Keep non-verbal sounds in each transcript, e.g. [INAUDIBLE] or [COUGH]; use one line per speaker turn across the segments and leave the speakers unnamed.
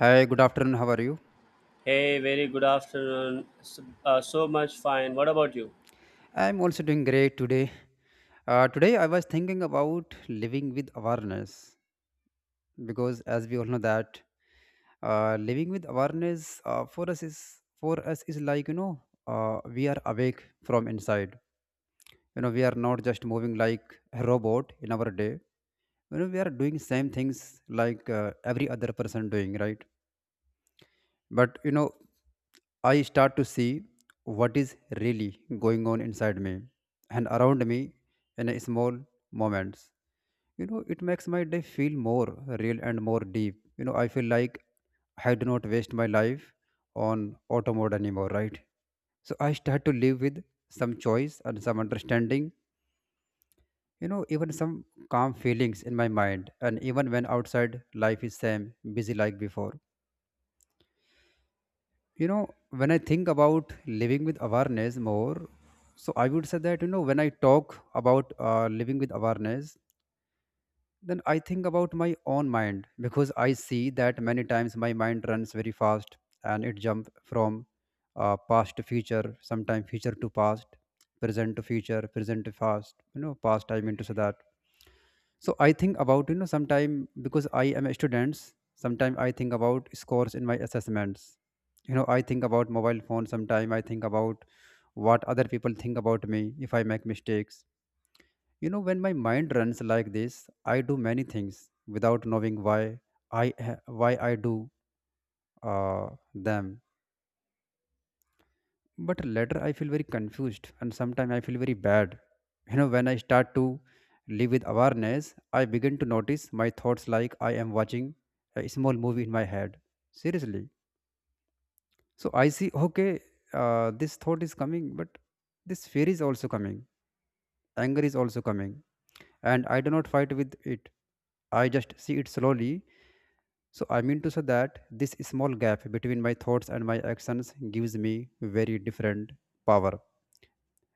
Hi, good afternoon. How are you?
Hey, very good afternoon. So, so much fine. What about you?
I'm also doing great today. Today I was thinking about living with awareness because, as we all know, that living with awareness for us is like we are awake from inside. We are not just moving like a robot in our day. We are doing same things like every other person doing, right? But I start to see what is really going on inside me and around me in a small moments. It makes my day feel more real and more deep. I feel like I do not waste my life on auto mode anymore, right? So I start to live with some choice and some understanding, even some calm feelings in my mind. And even when outside life is same, busy like before. you know when I think about living with awareness more, so I would say that when I talk about living with awareness, then I think about my own mind because I see that many times my mind runs very fast and it jumps from past to future, sometimes future to past, present to future, present to past. I mean to say that, so I think about, sometime, because I am a student, sometime I think about scores in my assessments. I think about mobile phone, sometime I think about what other people think about me if I make mistakes. When my mind runs like this, I do many things without knowing why, why I do uh, them. But later I feel very confused, and sometimes I feel very bad. When I start to live with awareness, I begin to notice my thoughts like I am watching a small movie in my head. Seriously. So I see, okay, this thought is coming, but this fear is also coming, anger is also coming, and I do not fight with it. I just see it slowly. So I mean to say that this small gap between my thoughts and my actions gives me very different power.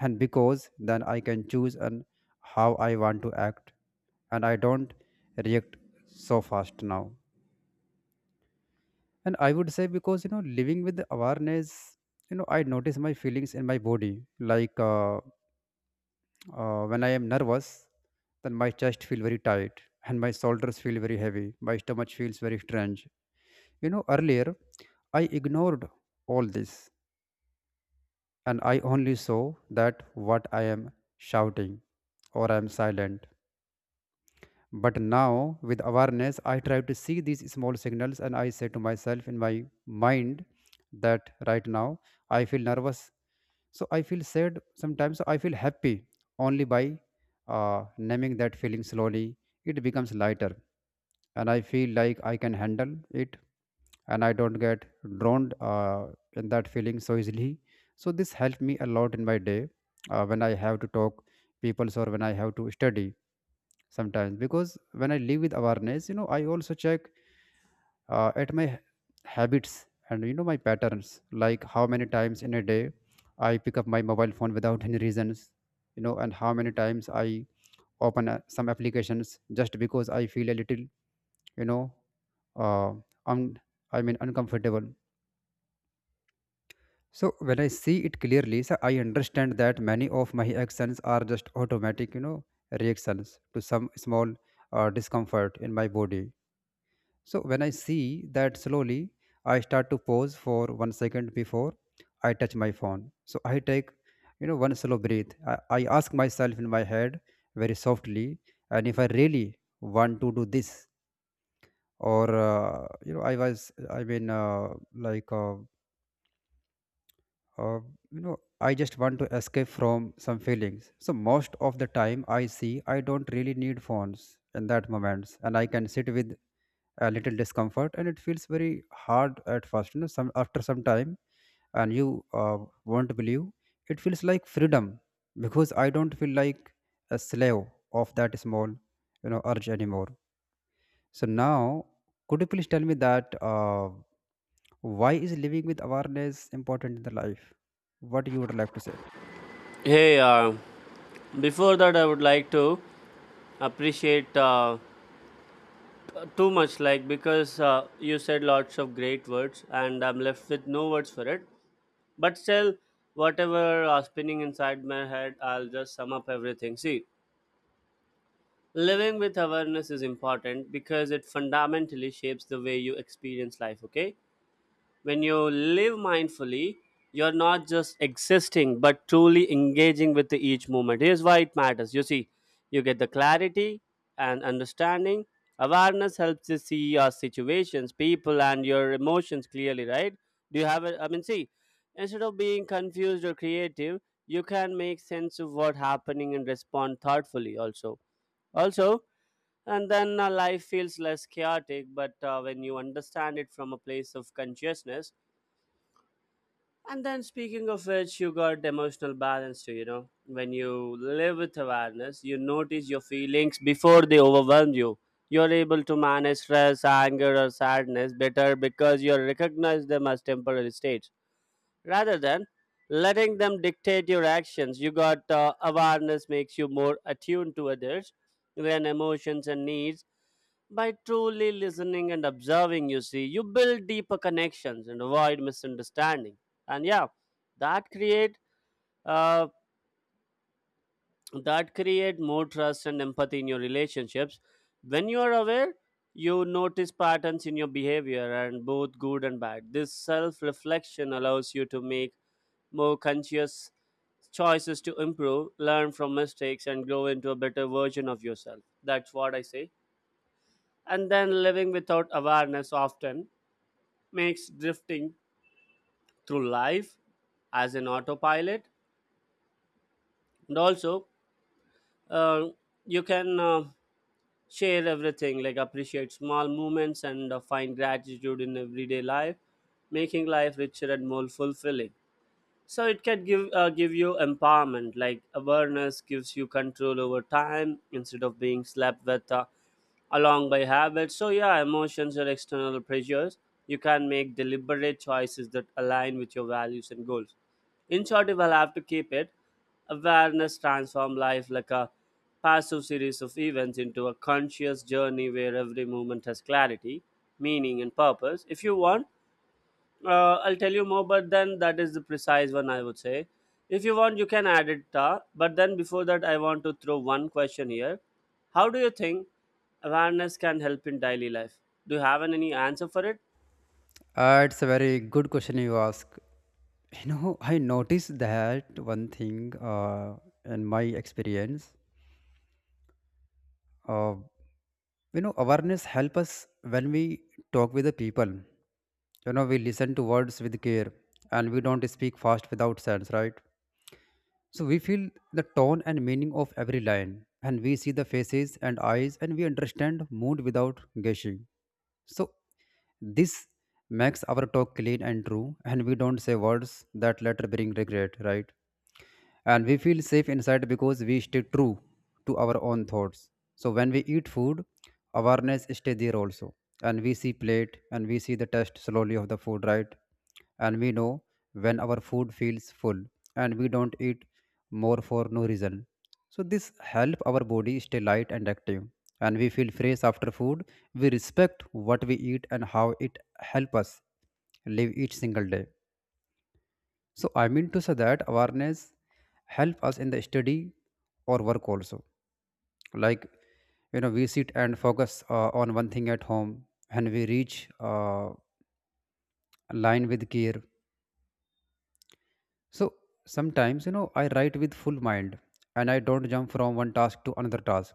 And because then I can choose and how I want to act, and I don't react so fast now. And I would say, because living with awareness, I notice my feelings in my body. Like, when I am nervous, then my chest feel very tight and my shoulders feel very heavy. My stomach feels very strange. Earlier I ignored all this, and I only saw that what I am shouting or I am silent. But now, with awareness, I try to see these small signals and I say to myself in my mind that right now I feel nervous. So I feel sad sometimes. So I feel happy only by naming that feeling slowly. It becomes lighter and I feel like I can handle it, and I don't get drowned in that feeling so easily. So this helped me a lot in my day when I have to talk peoples or when I have to study sometimes. Because when I live with awareness, I also check at habits, and my patterns, like how many times in a day I pick up my mobile phone without [LAUGHS] any reasons. And how many times I open some applications just because I feel a little, you know uh, un- uncomfortable. So when I see it clearly, so I understand that many of my actions are just automatic, reactions to some small discomfort in my body. So when I see that slowly, I start to pause for 1 second before I touch my phone. So I take, one slow breath. I ask myself in my head very softly, and if I really want to do this, or I was, I mean, like, uh, I just want to escape from some feelings. So most of the time, I see I don't really need phones in that moments, and I can sit with a little discomfort. And it feels very hard at first, some after some time, and you won't believe, it feels like freedom, because I don't feel like a slave of that small, urge anymore. So now could you please tell me that why is living with awareness important in the life? What you would like to say?
Hey, before that, I would like to appreciate too much, like because you said lots of great words, and I'm left with no words for it. But still, whatever spinning inside my head, I'll just sum up everything. See, living with awareness is important because it fundamentally shapes the way you experience life. Okay, when you live mindfully, you're not just existing but truly engaging with the each moment. Here's why it matters. You see, you get the clarity and understanding. Awareness helps you see your situations, people, and your emotions clearly, right? Do you have a, I mean, see, instead of being confused or creative, you can make sense of what's happening and respond thoughtfully also. Also, and then life feels less chaotic, but when you understand it from a place of consciousness. And then, speaking of which, you got emotional balance too. When you live with awareness, you notice your feelings before they overwhelm you. You're able to manage stress, anger, or sadness better because you recognize them as temporary states rather than letting them dictate your actions you got Awareness makes you more attuned to others, their emotions and needs. By truly listening and observing, you see, you build deeper connections and avoid misunderstanding. And yeah, that create uh, that create more trust and empathy in your relationships. When you are aware, you notice patterns in your behavior, and both good and bad. This self reflection allows you to make more conscious choices to improve, learn from mistakes, and grow into a better version of yourself. That's what I say. And then living without awareness often makes drifting through life as an autopilot. And also, uh, you can share everything, like appreciate small moments and find gratitude in everyday life, making life richer and more fulfilling. So it can give you empowerment. Like awareness gives you control over time instead of being slapped with along by habits. So yeah, emotions are external pressures. You can make deliberate choices that align with your values and goals. In short, if I'll have to keep it, awareness transform life like a passive series of events into a conscious journey where every moment has clarity, meaning, and purpose. If you want, I'll tell you more, but then that is the precise one I would say. If you want, you can add it, ta. But then before that, I want to throw one question here. How do you think awareness can help in daily life? Do you have any answer for it?
It's a very good question you ask. I noticed that one thing, in my experience, uh, awareness help us when we talk with the people. We listen to words with care, and we don't speak fast without sense, right? So we feel the tone and meaning of every line, and we see the faces and eyes, and we understand mood without guessing. So this makes our talk clean and true, and we don't say words that later bring regret, right? And we feel safe inside because we stay true to our own thoughts. So when we eat food, awareness stay there also, and we see plate and we see the taste slowly of the food, right? And we know when our food feels full, and we don't eat more for no reason. So this help our body stay light and active, and we feel fresh after food. We respect what we eat and how it help us live each single day. So I mean to say that awareness help us in the study or work also. Like, we sit and focus on one thing at home, and we reach line with care. So sometimes I write with full mind, and I don't jump from one task to another task,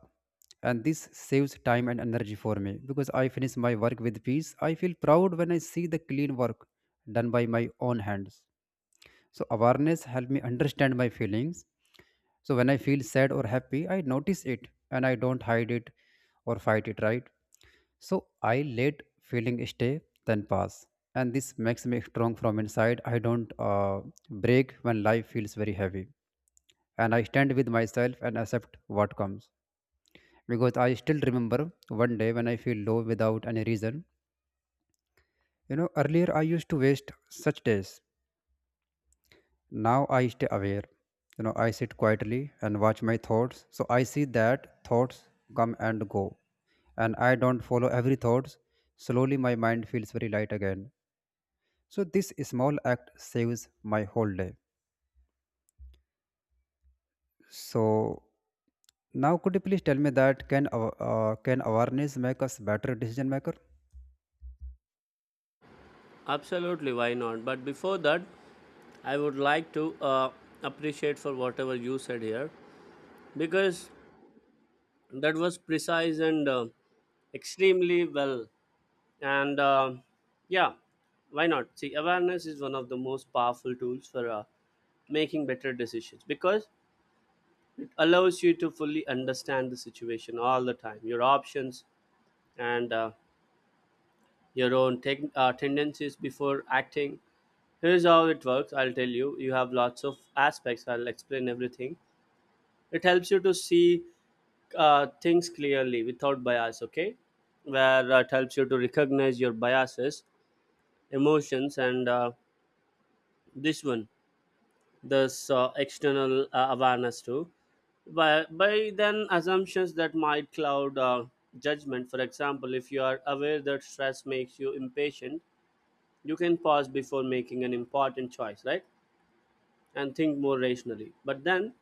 and this saves time and energy for me because I finish my work with peace. I feel proud when I see the clean work done by my own hands. So awareness help me understand my feelings. So when I feel sad or happy, I notice it and I don't hide it or fight it, right? So I let feeling stay, then pass. And this makes me strong from inside. I don't break when life feels very heavy. And I stand with myself and accept what comes. Because I still remember one day when I feel low without any reason. Earlier I used to waste such days. Now I stay aware. I sit quietly and watch my thoughts. So I see that thoughts come and go. And I don't follow every thoughts. Slowly my mind feels very light again. So this small act saves my whole day. So now could you please tell me that can awareness make us better decision maker?
Absolutely, why not? But before that, I would like to appreciate for whatever you said here, because that was precise and extremely well. And yeah, why not? See, awareness is one of the most powerful tools for making better decisions, because it allows you to fully understand the situation all the time, your options, and your own tendencies before acting. Here's how it works. I'll tell you, you have lots of aspects. I'll explain everything. It helps you to see things clearly without bias. Okay, where it helps you to recognize your biases, emotions, and this one, this external awareness too. By then assumptions that might cloud judgment. For example, if you are aware that stress makes you impatient, you can pause before making an important choice, right, and think more rationally. But then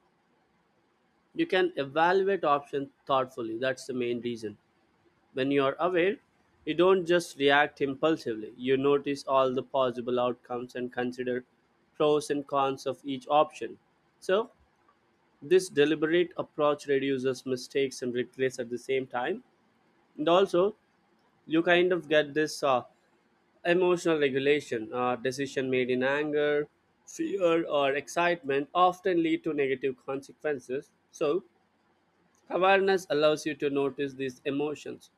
you can evaluate options thoughtfully. That's the main reason. When you are aware, you don't just react impulsively. You notice all the possible outcomes and consider pros and cons of each option. So this deliberate approach reduces mistakes and regrets at the same time. And also, you kind of get this emotional regulation. Decision made in anger, fear, or excitement often lead to negative consequences. So, awareness allows you to notice these emotions,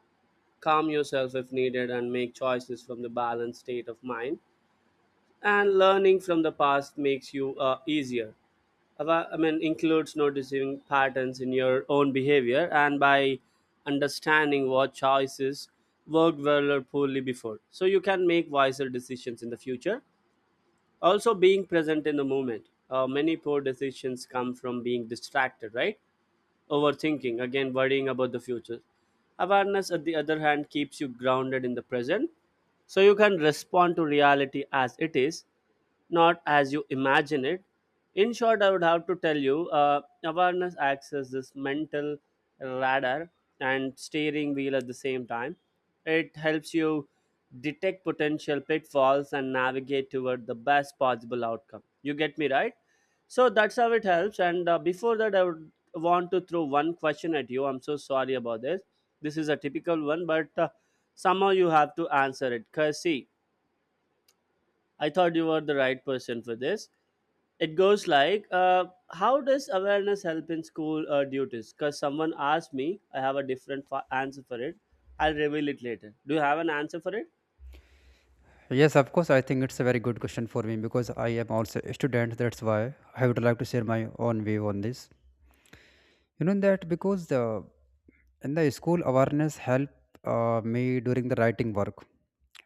calm yourself if needed, and make choices from the balanced state of mind. And learning from the past makes you easier. I mean, includes noticing patterns in your own behavior, and by understanding what choices worked well or poorly before. So you can make wiser decisions in the future. Also, being present in the moment. Many poor decisions come from being distracted, right? Overthinking, again worrying about the future. Awareness, at the other hand, keeps you grounded in the present, so you can respond to reality as it is, not as you imagine it. In short, I would have to tell you, awareness acts as this mental radar and steering wheel at the same time. It helps you detect potential pitfalls and navigate toward the best possible outcome. You get me, right? So that's how it helps. And before that, I would want to throw one question at you. I'm so sorry about this. This is a typical one, but somehow you have to answer it. Because, see, I thought you were the right person for this. It goes like, how does awareness help in school duties? Because someone asked me, I have a different answer for it. I'll reveal it later. Do you have an answer for it?
Yes, of course. I think it's a very good question for me because I am also a student. That's why I would like to share my own view on this. You know that because the In the school, awareness helped me during the writing work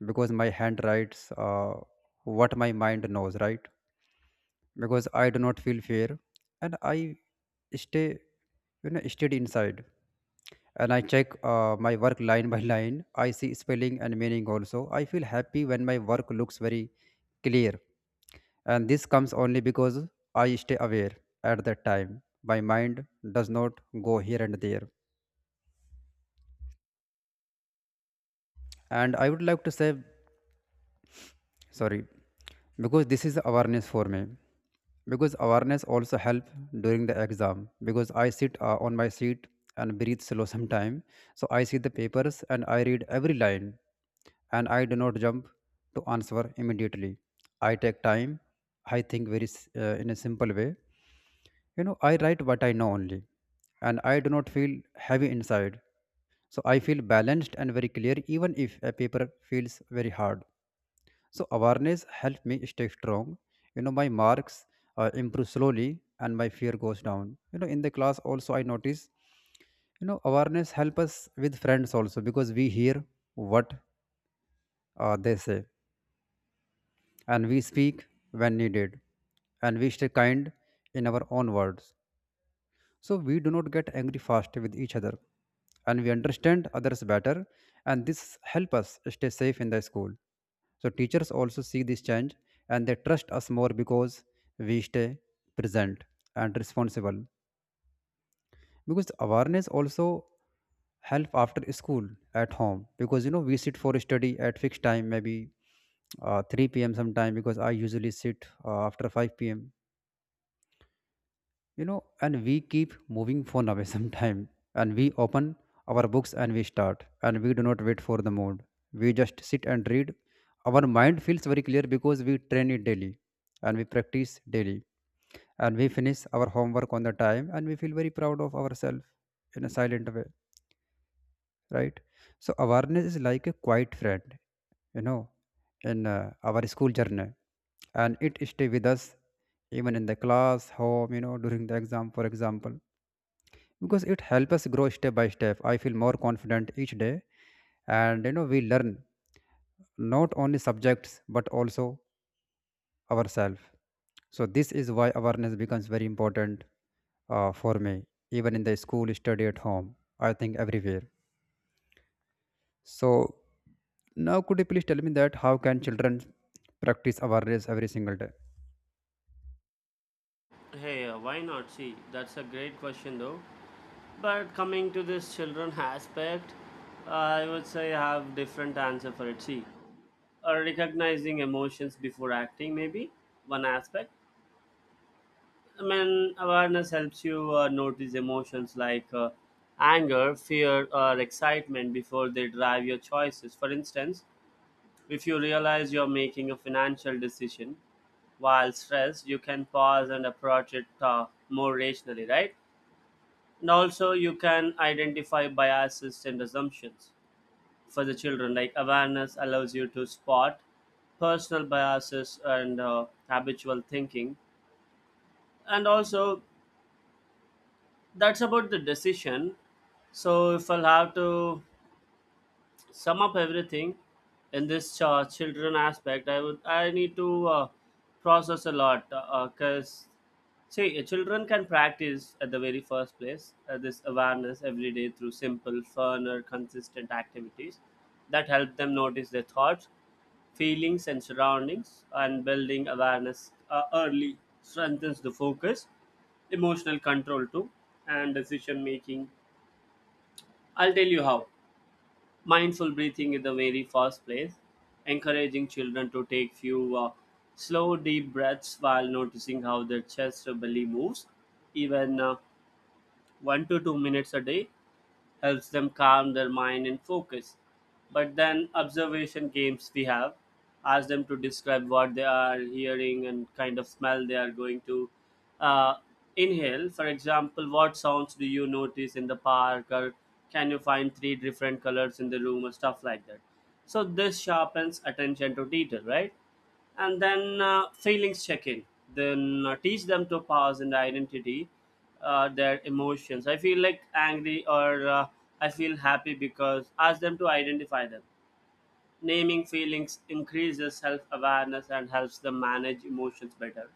because my hand writes what my mind knows, right? Because I do not feel fear and I stay, steady inside. And I check my work line by line. I see spelling and meaning also. I feel happy when my work looks very clear. And this comes only because I stay aware at that time. My mind does not go here and there, and I would like to say sorry, because this is awareness for me. Because awareness also help during the exam, because I sit on my seat and breathe slow sometime. So I see the papers and I read every line, and I do not jump to answer immediately. I take time, I think in a simple way. I write what I know only, and I do not feel heavy inside. So I feel balanced and very clear even if a paper feels very hard. So awareness helped me stay strong. My marks improve slowly and my fear goes down. In the class also I notice, awareness help us with friends also because we hear what they say, and we speak when needed, and we stay kind in our own words. So we do not get angry fast with each other, and we understand others better, and this help us stay safe in the school. So teachers also see this change, and they trust us more because we stay present and responsible. Because the awareness also help after school at home, because we sit for study at fixed time, maybe 3 p.m. sometime, because I usually sit after 5 p.m. And we keep moving phone away [LAUGHS] sometime, and we open our books and we start, and we do not wait for the mood. We just sit and read. Our mind feels very clear because we train it daily and we practice daily. And we finish our homework on the time, and we feel very proud of ourselves in a silent way, right? So awareness is like a quiet friend, you know in our school journey. And it stay with us even in the class home, during the exam for example. Because it helps us grow step by step. I feel more confident each day. And we learn not only subjects but also ourselves. So this is why awareness becomes very important for me, even in the school, study at home, I think everywhere. So now could you please tell me that how can children practice awareness every single day?
Hey, why not? See, that's a great question, though. But coming to this children aspect, I would say I have different answer for it. See, recognizing emotions before acting, maybe one aspect. I mean, awareness helps you notice emotions like anger, fear, or excitement before they drive your choices. For instance, if you realize you're making a financial decision while stressed, you can pause and approach it more rationally, right? And also, you can identify biases and assumptions for the children. Like awareness allows you to spot personal biases and habitual thinking. And also, that's about the decision. So if I'll have to sum up everything in this children aspect, I need to process a lot, because see, children can practice at the very first place this awareness every day through simple, fun, or consistent activities that help them notice their thoughts, feelings, and surroundings, and building awareness early strengthens the focus, emotional control too, and decision making. I'll tell you how. Mindful breathing in the very first place, encouraging children to take few slow deep breaths while noticing how their chest or belly moves, even 1 to 2 minutes a day, helps them calm their mind and focus. But then observation games we have, ask them to describe what they are hearing and kind of smell they are going to uh, inhale. For example, what sounds do you notice in the park, or can you find three different colors in the room, or stuff like that. So this sharpens attention to detail, right? And then feelings check in, then teach them to pause and identity their emotions. I feel like angry, or I feel happy, because ask them to identify them. Naming feelings increases self-awareness and helps them manage emotions better.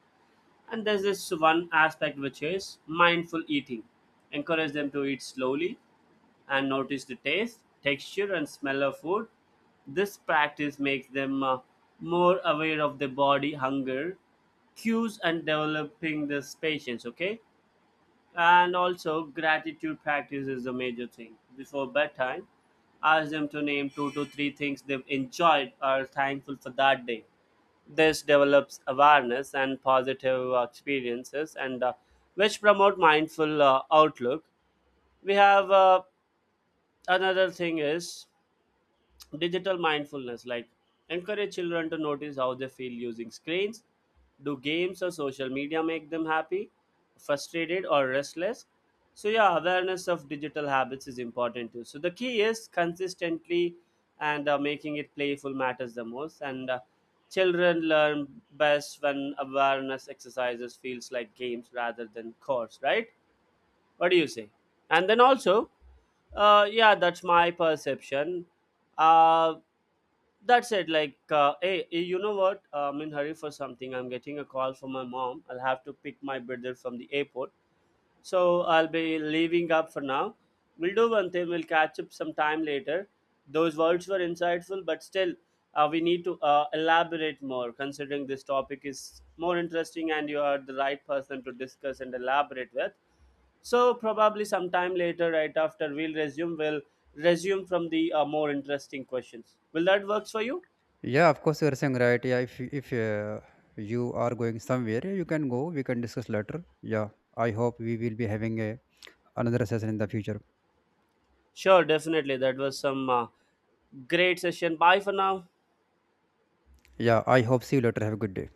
And there's this one aspect which is mindful eating. Encourage them to eat slowly and notice the taste, texture, and smell of food. This practice makes them more aware of the body hunger cues and developing this patience. Okay, and also gratitude practice is the major thing. Before bedtime, ask them to name two to three things they've enjoyed or thankful for that day. This develops awareness and positive experiences, and which promote mindful outlook. We have another thing is digital mindfulness. Like encourage children to notice how they feel using screens. Do games or social media make them happy, frustrated, or restless? So yeah, awareness of digital habits is important too. So the key is consistently, and making it playful matters the most, and children learn best when awareness exercises feels like games rather than chores, right? What do you say? And then also, yeah, that's my perception. Uh, that's it. Like, hey, you know what? I'm in hurry for something. I'm getting a call from my mom. I'll have to pick my brother from the airport. So I'll be leaving up for now. We'll do one thing. We'll catch up sometime later. Those words were insightful, but still, we need to elaborate more considering this topic is more interesting and you are the right person to discuss and elaborate with. So probably sometime later, right after we'll resume, from the more interesting questions. Will that works for you?
Yeah, of course, you are saying right. Yeah, if you are going somewhere, you can go. We can discuss later. Yeah, I hope we will be having a another session in the future.
Sure, definitely. That was some great session. Bye for now.
Yeah, I hope see you later. Have a good day.